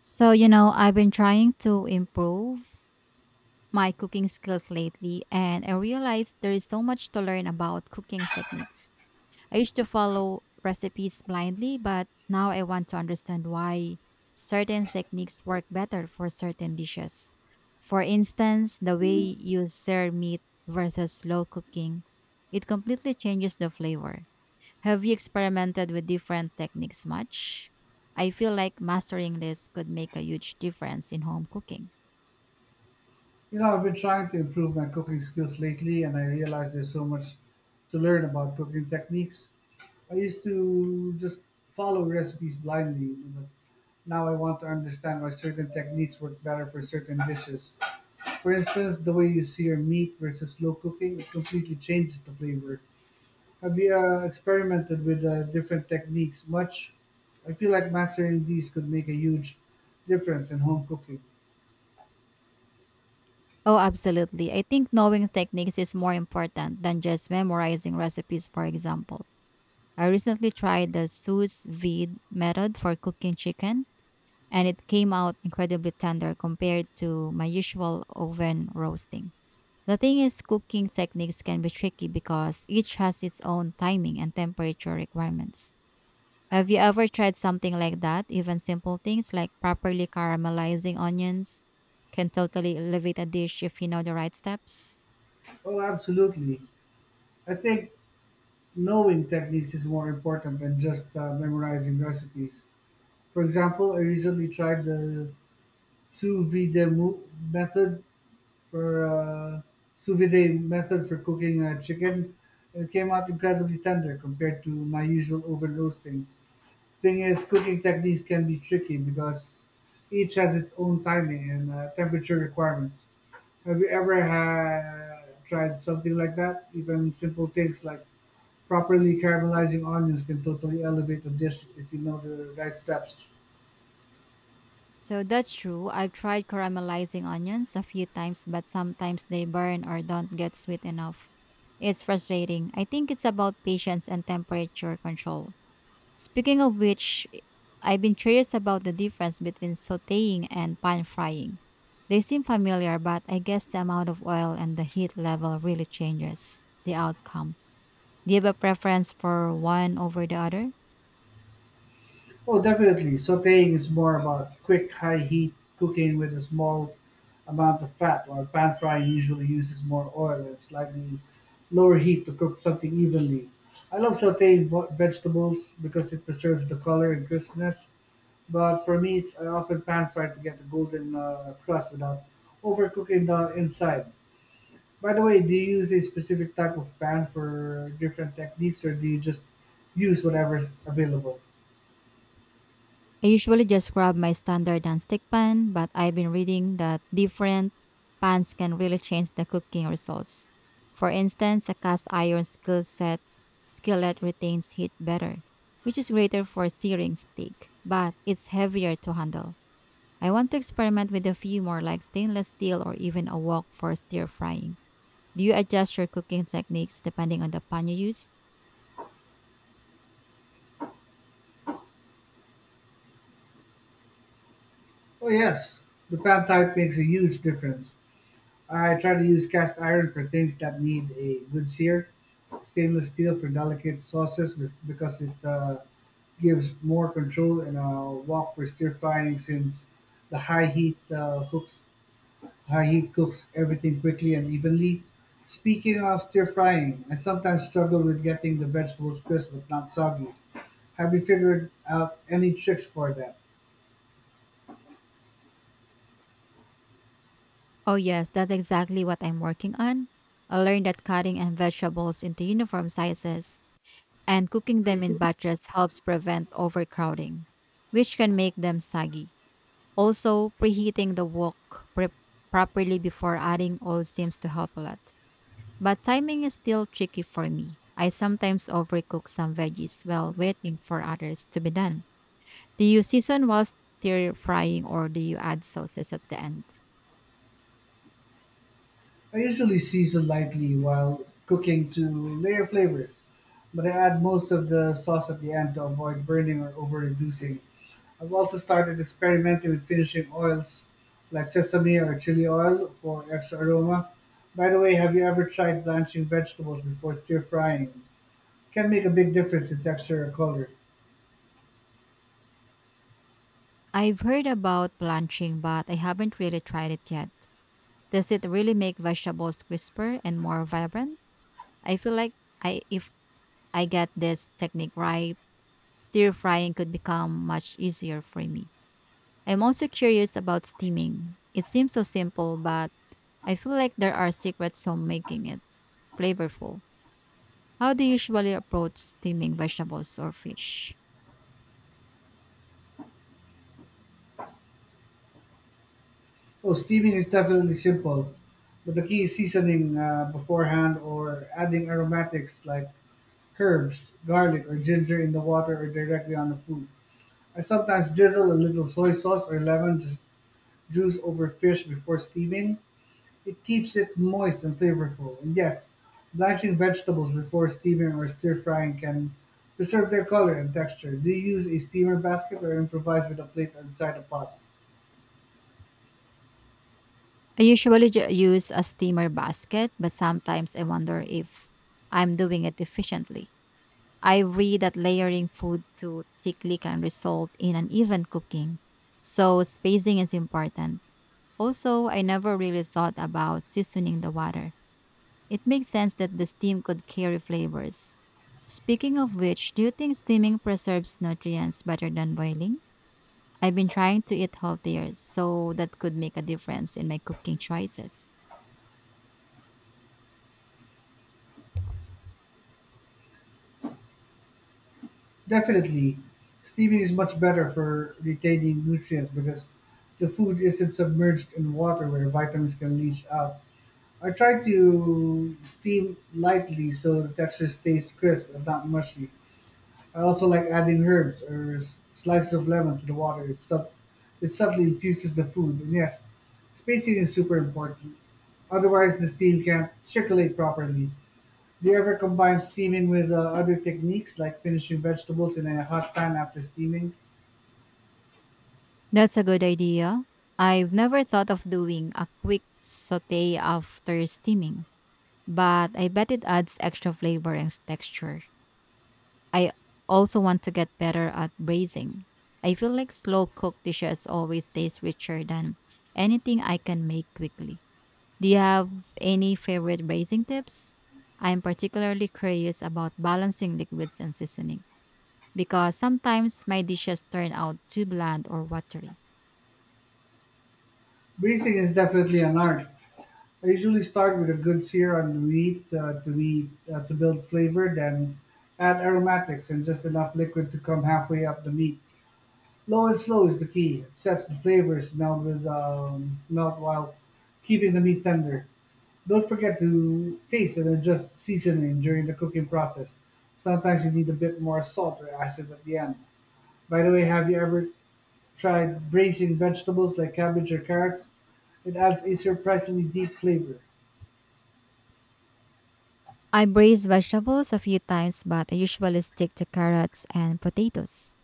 I've been trying to improve my cooking skills lately, and I realized there is so much to learn about cooking techniques. I used to follow recipes blindly, but now I want to understand why certain techniques work better for certain dishes. For instance, the way you sear meat versus slow cooking, it completely changes the flavor. Have you experimented with different techniques much? I feel like mastering this could make a huge difference in home cooking. I've been trying to improve my cooking skills lately, and I realized there's so much to learn about cooking techniques. I used to just follow recipes blindly, but now I want to understand why certain techniques work better for certain dishes. For instance, the way you sear meat versus slow cooking it completely changes the flavor. Have you experimented with different techniques much? I feel like mastering these could make a huge difference in home cooking. Oh, absolutely. I think knowing techniques is more important than just memorizing recipes, for example. I recently tried the sous vide method for cooking chicken, and it came out incredibly tender compared to my usual oven roasting. The thing is, cooking techniques can be tricky because each has its own timing and temperature requirements. Have you ever tried something like that? Even simple things like properly caramelizing onions can totally elevate a dish if you know the right steps. Oh, absolutely. I think knowing techniques is more important than just memorizing recipes. For example, I recently tried the sous vide mo- method for cooking chicken. It came out incredibly tender compared to my usual oven roasting. Thing is, cooking techniques can be tricky because each has its own timing and temperature requirements. Have you ever tried something like that? Even simple things like properly caramelizing onions can totally elevate a dish if you know the right steps. So that's true. I've tried caramelizing onions a few times, but sometimes they burn or don't get sweet enough. It's frustrating. I think it's about patience and temperature control. Speaking of which, have been curious about the difference between sauteing and pan frying. They seem familiar, but I guess the amount of oil and the heat level really changes the outcome. Do you have a preference for one over the other? Oh, definitely. Sauteing is more about quick, high heat cooking with a small amount of fat, while pan frying usually uses more oil and slightly lower heat to cook something evenly. I love sauteing vegetables because it preserves the color and crispness, but for meats, I often pan fry to get the golden crust without overcooking the inside. By the way, do you use a specific type of band for different techniques, or do you just use whatever's available? I usually just grab my standard non-stick pan, but I've been reading that different pans can really change the cooking results. For instance, a cast iron skillet retains heat better, which is greater for searing steak, but it's heavier to handle. I want to experiment with a few more like stainless steel or even a wok for stir frying. Do you adjust your cooking techniques depending on the pan you use? Oh yes, the pan type makes a huge difference. I try to use cast iron for things that need a good sear, stainless steel for delicate sauces because it gives more control, and a wok for stir frying since the high heat cooks how he cooks everything quickly and evenly. Speaking of stir-frying, I sometimes struggle with getting the vegetables crisp but not soggy. Have you figured out any tricks for that? Oh, yes, that's exactly what I'm working on. I learned that cutting and vegetables into uniform sizes and cooking them in batches helps prevent overcrowding, which can make them saggy. Also, preheating the wok pre- properly before adding oil seems to help a lot. But timing is still tricky for me. I sometimes overcook some veggies while waiting for others to be done. Do you season while stir frying or do you add sauces at the end? I usually season lightly while cooking to layer flavors, but I add most of the sauce at the end to avoid burning or over-reducing. I've also started experimenting with finishing oils like sesame or chili oil for extra aroma. By the way, have you ever tried blanching vegetables before stir frying? Can make a big difference in texture or color. I've heard about blanching, but I haven't really tried it yet. Does it really make vegetables crisper and more vibrant? I feel like I if I get this technique right, stir frying could become much easier for me. I'm also curious about steaming. It seems so simple, but I feel like there are secrets to making it flavorful. How do you usually approach steaming vegetables or fish? Oh, steaming is definitely simple, but the key is seasoning beforehand or adding aromatics like herbs, garlic, or ginger in the water or directly on the food. I sometimes drizzle a little soy sauce or lemon juice over fish before steaming. It keeps it moist and flavorful. And yes, blanching vegetables before steaming or stir frying can preserve their color and texture. Do you use a steamer basket or improvise with a plate inside a pot? I usually use a steamer basket, but sometimes I wonder if I'm doing it efficiently. I read that layering food too thickly can result in uneven cooking, so spacing is important. Also, I never really thought about seasoning the water. It makes sense that the steam could carry flavors. Speaking of which, do you think steaming preserves nutrients better than boiling? I've been trying to eat healthier, so that could make a difference in my cooking choices. Definitely. Steaming is much better for retaining nutrients because the food isn't submerged in water where vitamins can leach out. I try to steam lightly so the texture stays crisp and not mushy. I also like adding herbs or slices of lemon to the water. It subtly infuses the food. And yes, spacing is super important. Otherwise, the steam can't circulate properly. Do you ever combine steaming with other techniques like finishing vegetables in a hot pan after steaming? That's a good idea. I've never thought of doing a quick saute after steaming, but I bet it adds extra flavor and texture. I also want to get better at braising. I feel like slow cooked dishes always taste richer than anything I can make quickly. Do you have any favorite braising tips? I'm particularly curious about balancing liquids and seasoning because sometimes my dishes turn out too bland or watery. Breezing is definitely an art. I usually start with a good sear on wheat to build flavor, then add aromatics and just enough liquid to come halfway up the meat. Low and slow is the key. It sets the flavors melt while keeping the meat tender. Don't forget to taste and adjust seasoning during the cooking process. Sometimes you need a bit more salt or acid at the end. By the way, have you ever tried braising vegetables like cabbage or carrots? It adds a surprisingly deep flavor. I braise vegetables a few times, but I usually stick to carrots and potatoes.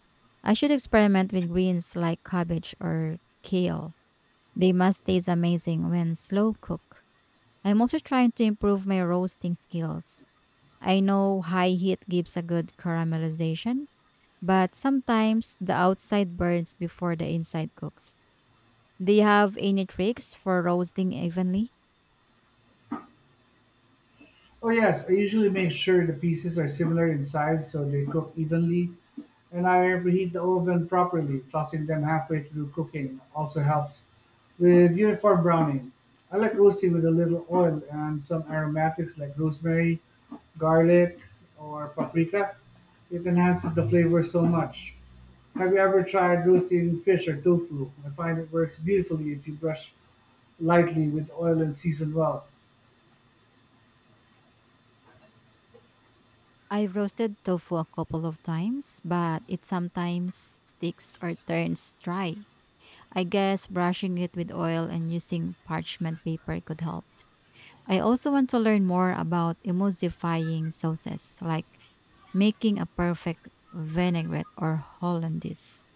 I should experiment with greens like cabbage or kale. They must taste amazing when slow cooked. I'm also trying to improve my roasting skills. I know high heat gives a good caramelization, but sometimes the outside burns before the inside cooks. Do you have any tricks for roasting evenly? Oh, yes, I usually make sure the pieces are similar in size so they cook evenly, and I preheat the oven properly. Tossing them halfway through cooking also helps with uniform browning. I like roasting with a little oil and some aromatics like rosemary, garlic, or paprika. It enhances the flavor so much. Have you ever tried roasting fish or tofu? I find it works beautifully if you brush lightly with oil and season well. I've roasted tofu a couple of times, but it sometimes sticks or turns dry. I guess brushing it with oil and using parchment paper could help. I also want to learn more about emulsifying sauces, like making a perfect vinaigrette or hollandaise.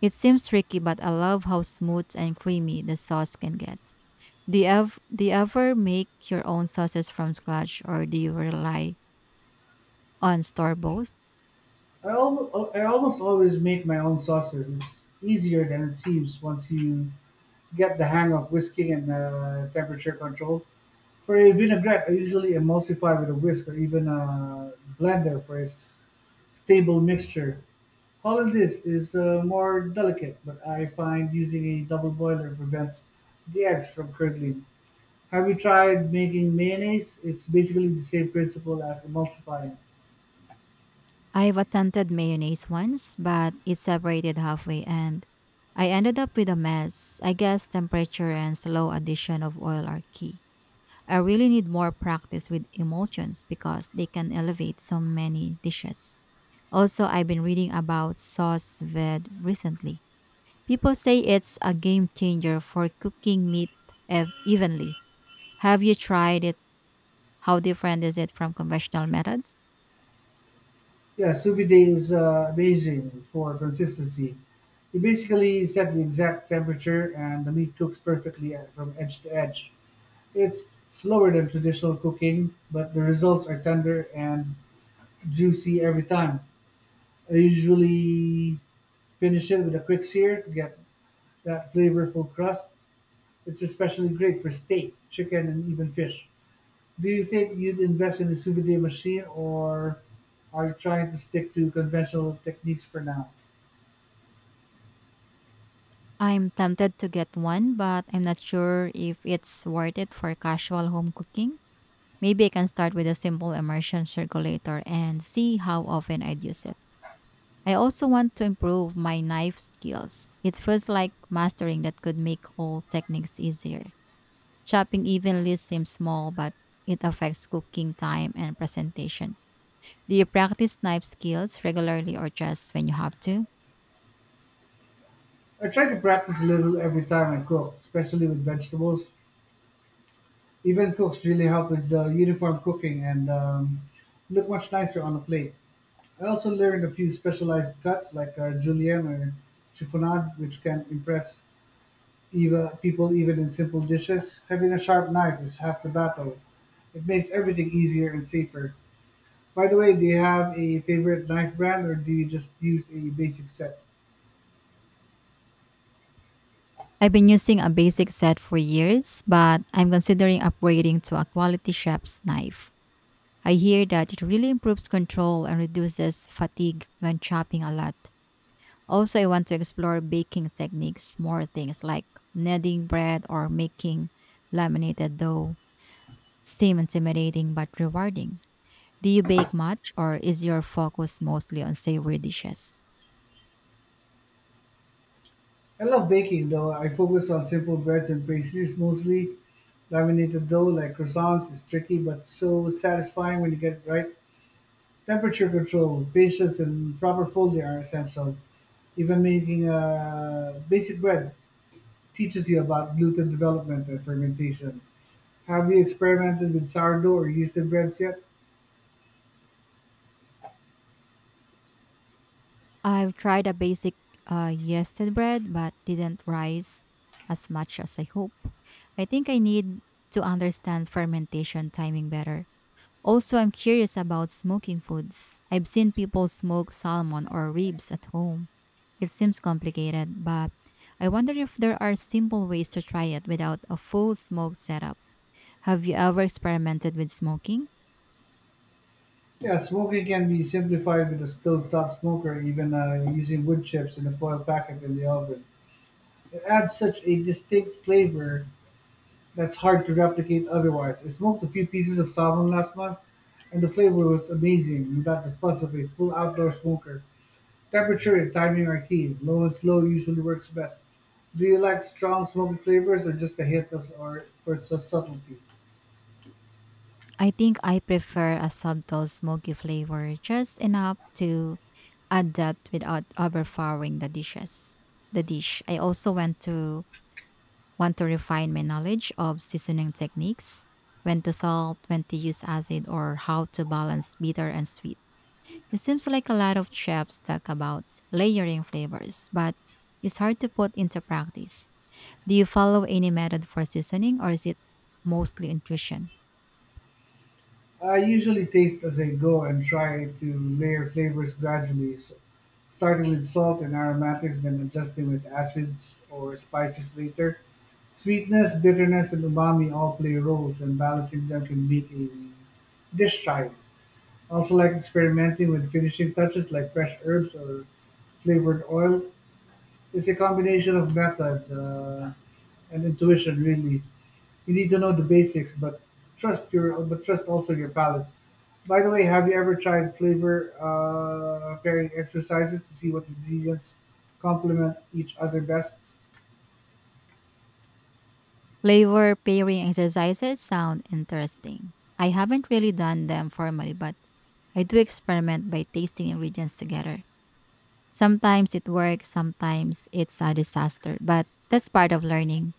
It seems tricky, but I love how smooth and creamy the sauce can get. Do you ever make your own sauces from scratch or do you rely on store bought? I almost always make my own sauces. It's easier than it seems once you get the hang of whisking and temperature control. For a vinaigrette, I usually emulsify with a whisk or even a blender for a stable mixture. Hollandaise is more delicate, but I find using a double boiler prevents the eggs from curdling. Have you tried making mayonnaise? It's basically the same principle as emulsifying. I've attempted mayonnaise once, but it separated halfway and I ended up with a mess. I guess temperature and slow addition of oil are key. I really need more practice with emulsions because they can elevate so many dishes. Also, I've been reading about sauce vide recently. People say it's a game changer for cooking meat evenly. Have you tried it? How different is it from conventional methods? Yeah, sous vide is amazing for consistency. You basically set the exact temperature, and the meat cooks perfectly from edge to edge. It's slower than traditional cooking, but the results are tender and juicy every time. I usually finish it with a quick sear to get that flavorful crust. It's especially great for steak, chicken, and even fish. Do you think you'd invest in a souvenir machine, or are you trying to stick to conventional techniques for now? I'm tempted to get one, but I'm not sure if it's worth it for casual home cooking. Maybe I can start with a simple immersion circulator and see how often I'd use it. I also want to improve my knife skills. It feels like mastering that could make all techniques easier. Chopping evenly seems small, but it affects cooking time and presentation. Do you practice knife skills regularly or just when you have to? I try to practice a little every time I cook, especially with vegetables. Even cooks really help with the uniform cooking and look much nicer on a plate. I also learned a few specialized cuts like julienne or chiffonade, which can impress even in simple dishes. Having a sharp knife is half the battle. It makes everything easier and safer. By the way, do you have a favorite knife brand or do you just use a basic set? I've been using a basic set for years, but I'm considering upgrading to a quality chef's knife. I hear that it really improves control and reduces fatigue when chopping a lot. Also, I want to explore baking techniques, more things like kneading bread or making laminated dough. Seem intimidating but rewarding. Do you bake much, or is your focus mostly on savory dishes? I love baking though. I focus on simple breads and pastries mostly. Laminated dough like croissants is tricky but so satisfying when you get it right. Temperature control, patience, and proper folding are essential. Even making a basic bread teaches you about gluten development and fermentation. Have you experimented with sourdough or yeasted breads yet? I've tried a basic yeasted bread, but didn't rise as much as I hope. I think I need to understand fermentation timing better. Also, I'm curious about smoking foods. I've seen people smoke salmon or ribs at home. It seems complicated, but I wonder if there are simple ways to try it without a full smoke setup. Have you ever experimented with smoking? Yeah, smoking can be simplified with a stovetop smoker, even using wood chips in a foil packet in the oven. It adds such a distinct flavor that's hard to replicate otherwise. I smoked a few pieces of salmon last month, and the flavor was amazing without the fuss of a full outdoor smoker. Temperature and timing are key. Low and slow usually works best. Do you like strong smoky flavors or just a hint of or for subtlety? I think I prefer a subtle smoky flavor, just enough to add that without overpowering the dishes. The dish. I also went to want to refine my knowledge of seasoning techniques, when to salt, when to use acid, or how to balance bitter and sweet. It seems like a lot of chefs talk about layering flavors, but it's hard to put into practice. Do you follow any method for seasoning, or is it mostly intuition? I usually taste as I go and try to layer flavors gradually, starting with salt and aromatics, then adjusting with acids or spices later. Sweetness, bitterness, and umami all play roles, and balancing them can make a dish try. Also, like experimenting with finishing touches like fresh herbs or flavored oil. It's a combination of method and intuition, really. You need to know the basics, but trust also your palate. By the way, have you ever tried flavor pairing exercises to see what ingredients complement each other best? Flavor pairing exercises sound interesting. I haven't really done them formally, but I do experiment by tasting ingredients together. Sometimes it works, sometimes it's a disaster, but that's part of learning.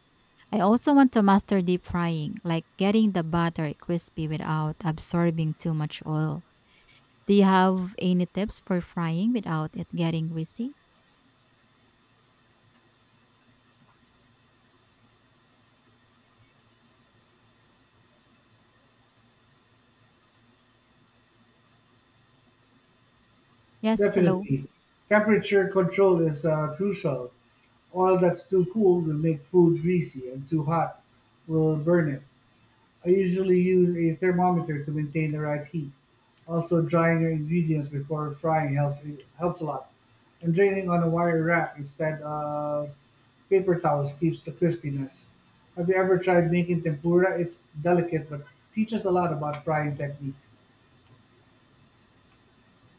I also want to master deep frying, like getting the butter crispy without absorbing too much oil. Do you have any tips for frying without it getting greasy? Yes, hello. Definitely. Temperature control is crucial. Oil that's too cool will make food greasy, and too hot will burn it. I usually use a thermometer to maintain the right heat. Also, drying your ingredients before frying helps a lot. And draining on a wire rack instead of paper towels keeps the crispiness. Have you ever tried making tempura? It's delicate but teaches a lot about frying technique.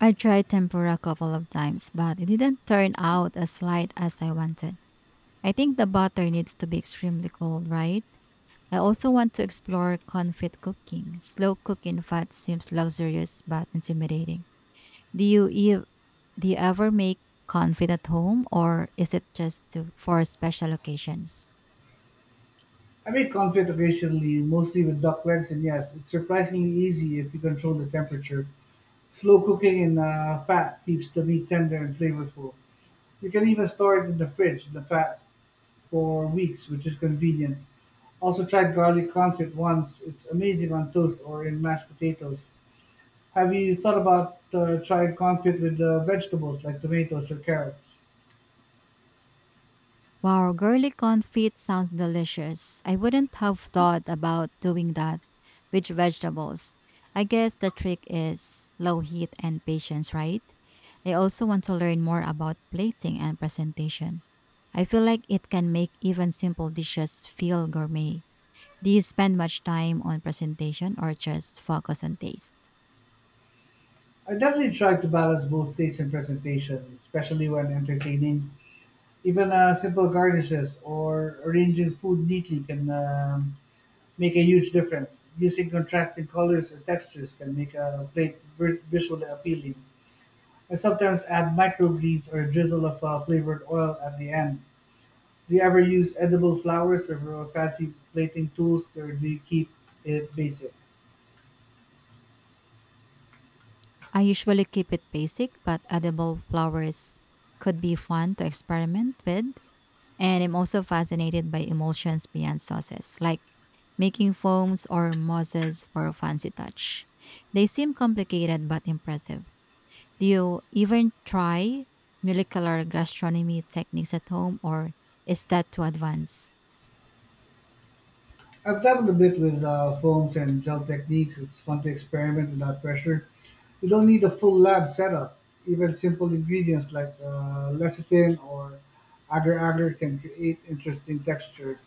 I tried tempura a couple of times, but it didn't turn out as light as I wanted. I think the butter needs to be extremely cold, right? I also want to explore confit cooking. Slow cooking fat seems luxurious but intimidating. Do you ev- do you ever make confit at home or is it just for special occasions? I make confit occasionally, mostly with duck legs, and yes, it's surprisingly easy if you control the temperature. Slow cooking in fat keeps the meat tender and flavorful. You can even store it in the fridge, the fat, for weeks, which is convenient. Also tried garlic confit once. It's amazing on toast or in mashed potatoes. Have you thought about trying confit with vegetables like tomatoes or carrots? Wow, girly confit sounds delicious. I wouldn't have thought about doing that with vegetables. I guess the trick is low heat and patience, right? I also want to learn more about plating and presentation. I feel like it can make even simple dishes feel gourmet. Do you spend much time on presentation or just focus on taste? I definitely try to balance both taste and presentation, especially when entertaining. Even simple garnishes or arranging food neatly can make a huge difference. Using contrasting colors or textures can make a plate visually appealing. I sometimes add microgreens or a drizzle of flavored oil at the end. Do you ever use edible flowers or fancy plating tools, or do you keep it basic? I usually keep it basic, but edible flowers could be fun to experiment with. And I'm also fascinated by emulsions beyond sauces, like making foams or mosses for a fancy touch. They seem complicated but impressive. Do you even try molecular gastronomy techniques at home, or is that too advanced? I've dabbled a bit with foams and gel techniques. It's fun to experiment without pressure. You don't need a full lab setup. Even simple ingredients like lecithin or agar-agar can create interesting texture.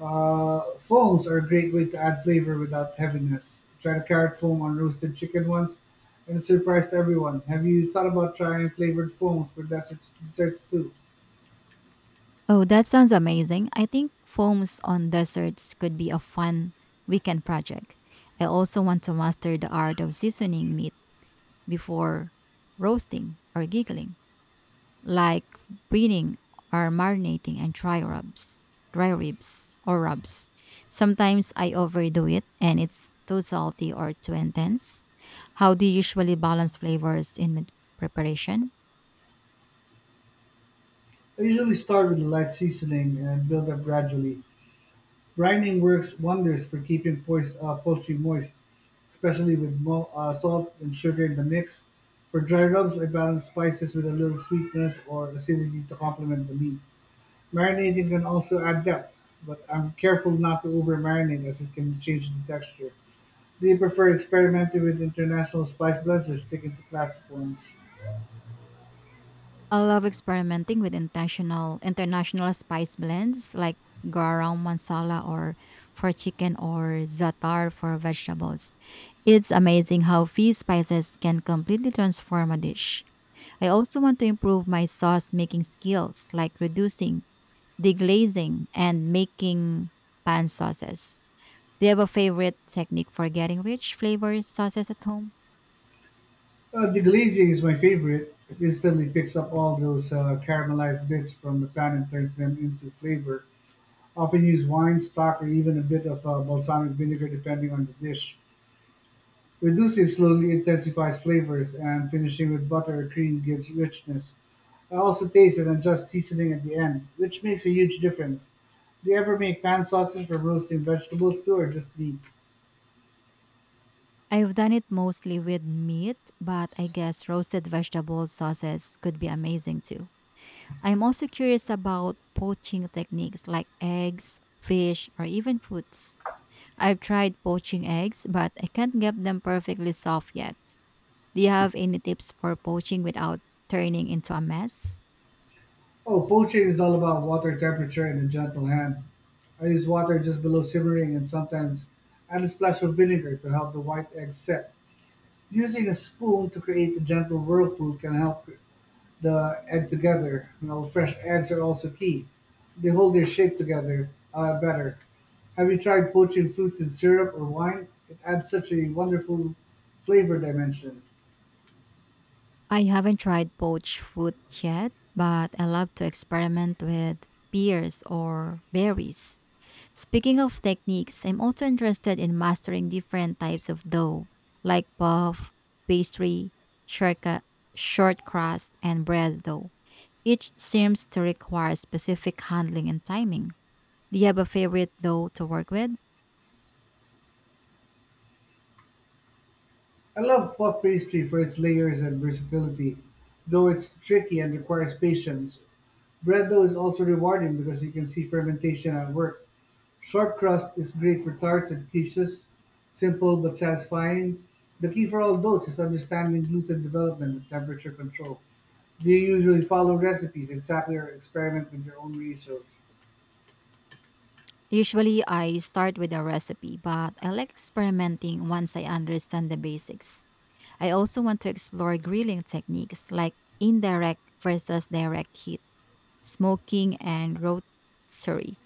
Foams are a great way to add flavor without heaviness. Tried a carrot foam on roasted chicken once, and it surprised everyone. Have you thought about trying flavored foams for desserts too? Oh, that sounds amazing. I think foams on desserts could be a fun weekend project. I also want to master the art of seasoning meat before roasting or giggling. Like breeding or marinating and dry rubs, dry ribs or rubs. Sometimes I overdo it and it's too salty or too intense. How do you usually balance flavors in mid preparation? I usually start with a light seasoning and build up gradually. Brining works wonders for keeping poultry moist, especially with salt and sugar in the mix. For dry rubs, I balance spices with a little sweetness or acidity to complement the meat. Marinating can also add depth, but I'm careful not to over marinate as it can change the texture. Do you prefer experimenting with international spice blends or sticking to classic ones? I love experimenting with intentional international spice blends like garam masala or for chicken or zatar for vegetables. It's amazing how few spices can completely transform a dish. I also want to improve my sauce making skills, like reducing, deglazing, and making pan sauces. Do you have a favorite technique for getting rich flavored sauces at home? The glazing is my favorite. It instantly picks up all those caramelized bits from the pan and turns them into flavor. Often use wine, stock, or even a bit of balsamic vinegar depending on the dish. Reducing slowly intensifies flavors, and finishing with butter or cream gives richness. I also taste and adjust seasoning at the end, which makes a huge difference. Do you ever make pan sauces from roasting vegetables too, or just meat? I've done it mostly with meat, but I guess roasted vegetable sauces could be amazing too. I'm also curious about poaching techniques like eggs, fish, or even fruits. I've tried poaching eggs, but I can't get them perfectly soft yet. Do you have any tips for poaching without turning into a mess? Oh, poaching is all about water temperature and a gentle hand. I use water just below simmering and sometimes add a splash of vinegar to help the white egg set. Using a spoon to create a gentle whirlpool can help the egg together. Fresh eggs are also key. They hold their shape together better. Have you tried poaching fruits in syrup or wine? It adds such a wonderful flavor dimension. I haven't tried poached fruit yet, but I love to experiment with pears or berries. Speaking of techniques, I'm also interested in mastering different types of dough, like puff, pastry, shortcut, short crust, and bread dough. Each seems to require specific handling and timing. Do you have a favorite dough to work with? I love puff pastry for its layers and versatility, though it's tricky and requires patience. Bread dough is also rewarding because you can see fermentation at work. Short crust is great for tarts and quiches, simple but satisfying. The key for all those is understanding gluten development and temperature control. Do you usually follow recipes exactly or experiment with your own research? Usually, I start with a recipe, but I like experimenting once I understand the basics. I also want to explore grilling techniques like indirect versus direct heat, smoking, and rotisserie.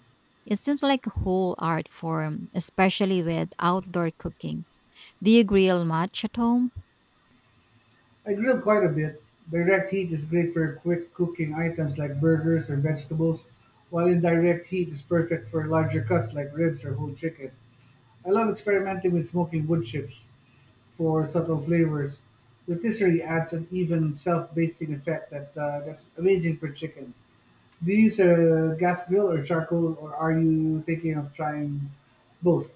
It seems like a whole art form, especially with outdoor cooking. Do you grill much at home? I grill quite a bit. Direct heat is great for quick cooking items like burgers or vegetables, while indirect heat is perfect for larger cuts like ribs or whole chicken. I love experimenting with smoking wood chips for subtle flavors. Rotisserie adds an even self-basting effect that's amazing for chicken. Do you use a gas grill or charcoal, or are you thinking of trying both?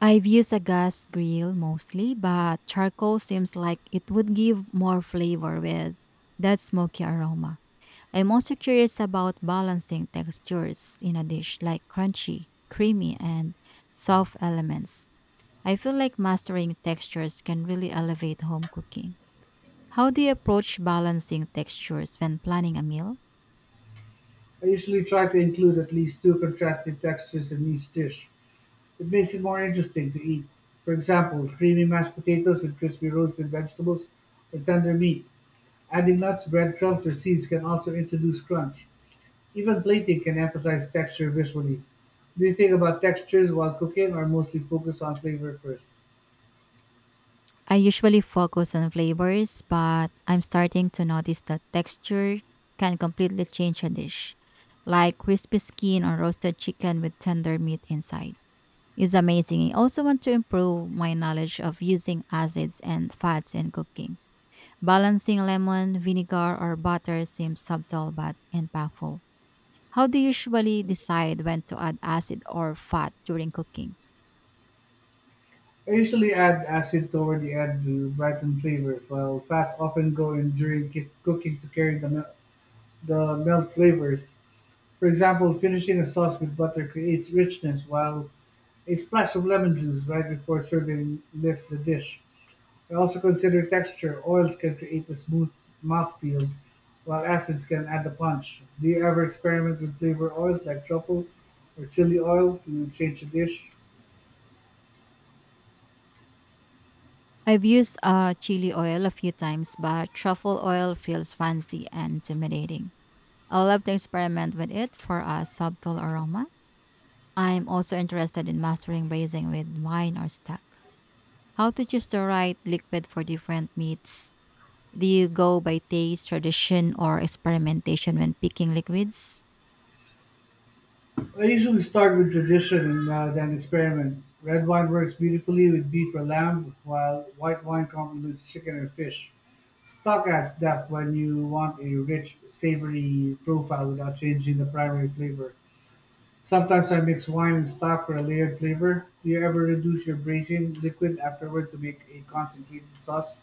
I've used a gas grill mostly, but charcoal seems like it would give more flavor with that smoky aroma. I'm also curious about balancing textures in a dish like crunchy, creamy, and soft elements. I feel like mastering textures can really elevate home cooking. How do you approach balancing textures when planning a meal? I usually try to include at least two contrasting textures in each dish. It makes it more interesting to eat. For example, creamy mashed potatoes with crispy roasted vegetables or tender meat. Adding nuts, breadcrumbs, or seeds can also introduce crunch. Even plating can emphasize texture visually. Do you think about textures while cooking or mostly focus on flavor first? I usually focus on flavors, but I'm starting to notice that texture can completely change a dish, like crispy skin on roasted chicken with tender meat inside. Is amazing. I also want to improve my knowledge of using acids and fats in cooking. Balancing lemon, vinegar, or butter seems subtle but impactful. How do you usually decide when to add acid or fat during cooking? I usually add acid toward the end to brighten flavors, while fats often go in during cooking to carry the melt flavors. For example, finishing a sauce with butter creates richness, while a splash of lemon juice right before serving lifts the dish. I also consider texture. Oils can create a smooth mouthfeel, while acids can add a punch. Do you ever experiment with flavor oils like truffle or chili oil to change a dish? I've used chili oil a few times, but truffle oil feels fancy and intimidating. I love to experiment with it for a subtle aroma. I'm also interested in mastering braising with wine or stock. How to choose the right liquid for different meats? Do you go by taste, tradition, or experimentation when picking liquids? I usually start with tradition and then experiment. Red wine works beautifully with beef or lamb, while white wine complements chicken or fish. Stock adds depth when you want a rich, savory profile without changing the primary flavor. Sometimes I mix wine and stock for a layered flavor. Do you ever reduce your braising liquid afterward to make a concentrated sauce?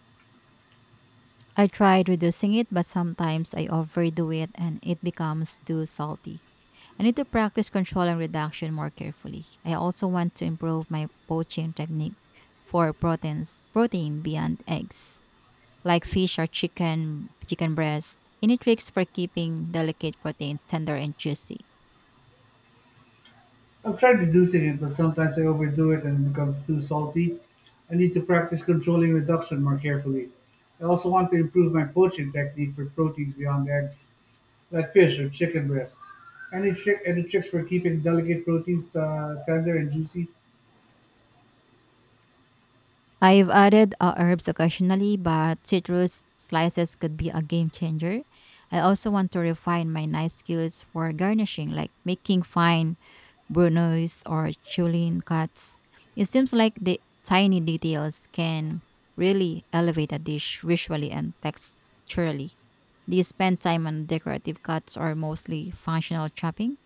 I tried reducing it, but sometimes I overdo it and it becomes too salty. I need to practice control and reduction more carefully. I also want to improve my poaching technique for proteins, protein beyond eggs, like fish or chicken breast. Any tricks for keeping delicate proteins tender and juicy? I've tried reducing it, but sometimes I overdo it and it becomes too salty. I need to practice controlling reduction more carefully. I also want to improve my poaching technique for proteins beyond eggs, like fish or chicken breast. Any tricks for keeping delicate proteins tender and juicy? I've added herbs occasionally, but citrus slices could be a game changer. I also want to refine my knife skills for garnishing, like making fine brunoise or chulin cuts. It seems like the tiny details can really elevate a dish visually and texturally. Do you spend time on decorative cuts or mostly functional chopping?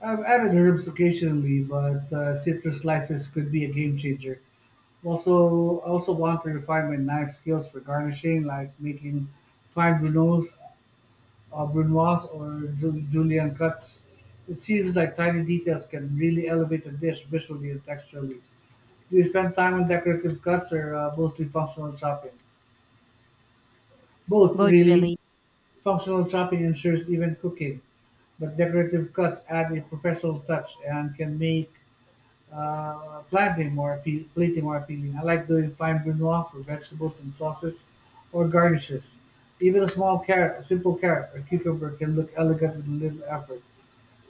I've added herbs occasionally, but citrus slices could be a game changer. I also want to refine my knife skills for garnishing, like making fine brunoise or julienne cuts. It seems like tiny details can really elevate a dish visually and texturally. Do you spend time on decorative cuts or mostly functional chopping? Both, Both really. really. Functional chopping ensures even cooking, but decorative cuts add a professional touch and can make plating more appealing. I like doing fine brunoise for vegetables and sauces or garnishes. Even a simple carrot or cucumber can look elegant with little effort.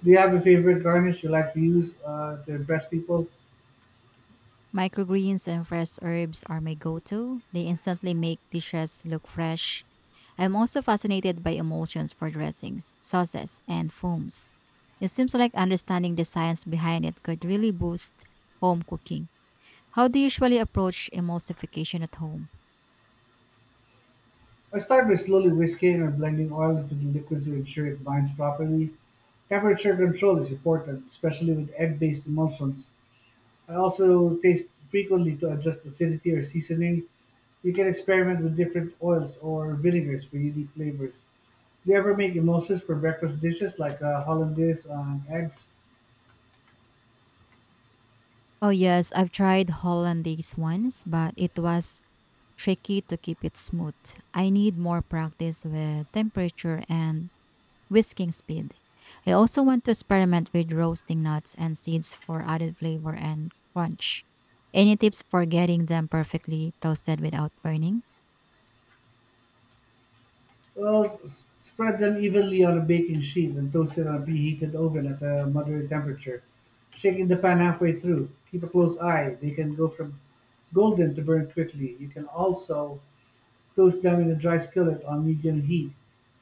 Do you have a favorite garnish you like to use to impress people? Microgreens and fresh herbs are my go to. They instantly make dishes look fresh. I'm also fascinated by emulsions for dressings, sauces, and foams. It seems like understanding the science behind it could really boost home cooking. How do you usually approach emulsification at home? I start by slowly whisking or blending oil into the liquid to ensure it binds properly. Temperature control is important, especially with egg-based emulsions. I also taste frequently to adjust acidity or seasoning. You can experiment with different oils or vinegars for unique flavors. Do you ever make emulsions for breakfast dishes like hollandaise on eggs? Oh, yes, I've tried Hollandaise once, but it was tricky to keep it smooth. I need more practice with temperature and whisking speed. I also want to experiment with roasting nuts and seeds for added flavor and crunch. Any tips for getting them perfectly toasted without burning? Well, spread them evenly on a baking sheet and toast in a preheated oven at a moderate temperature, shaking the pan halfway through. Keep a close eye; they can go from golden to burn quickly. You can also toast them in a dry skillet on medium heat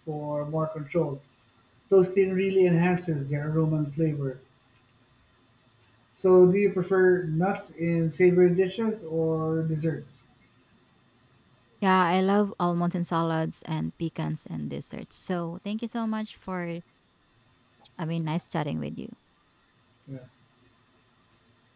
for more control. Toasting really enhances their aroma and flavor. So, do you prefer nuts in savory dishes or desserts? Yeah, I love almonds and salads and pecans and desserts. So thank you so much for, nice chatting with you. Yeah.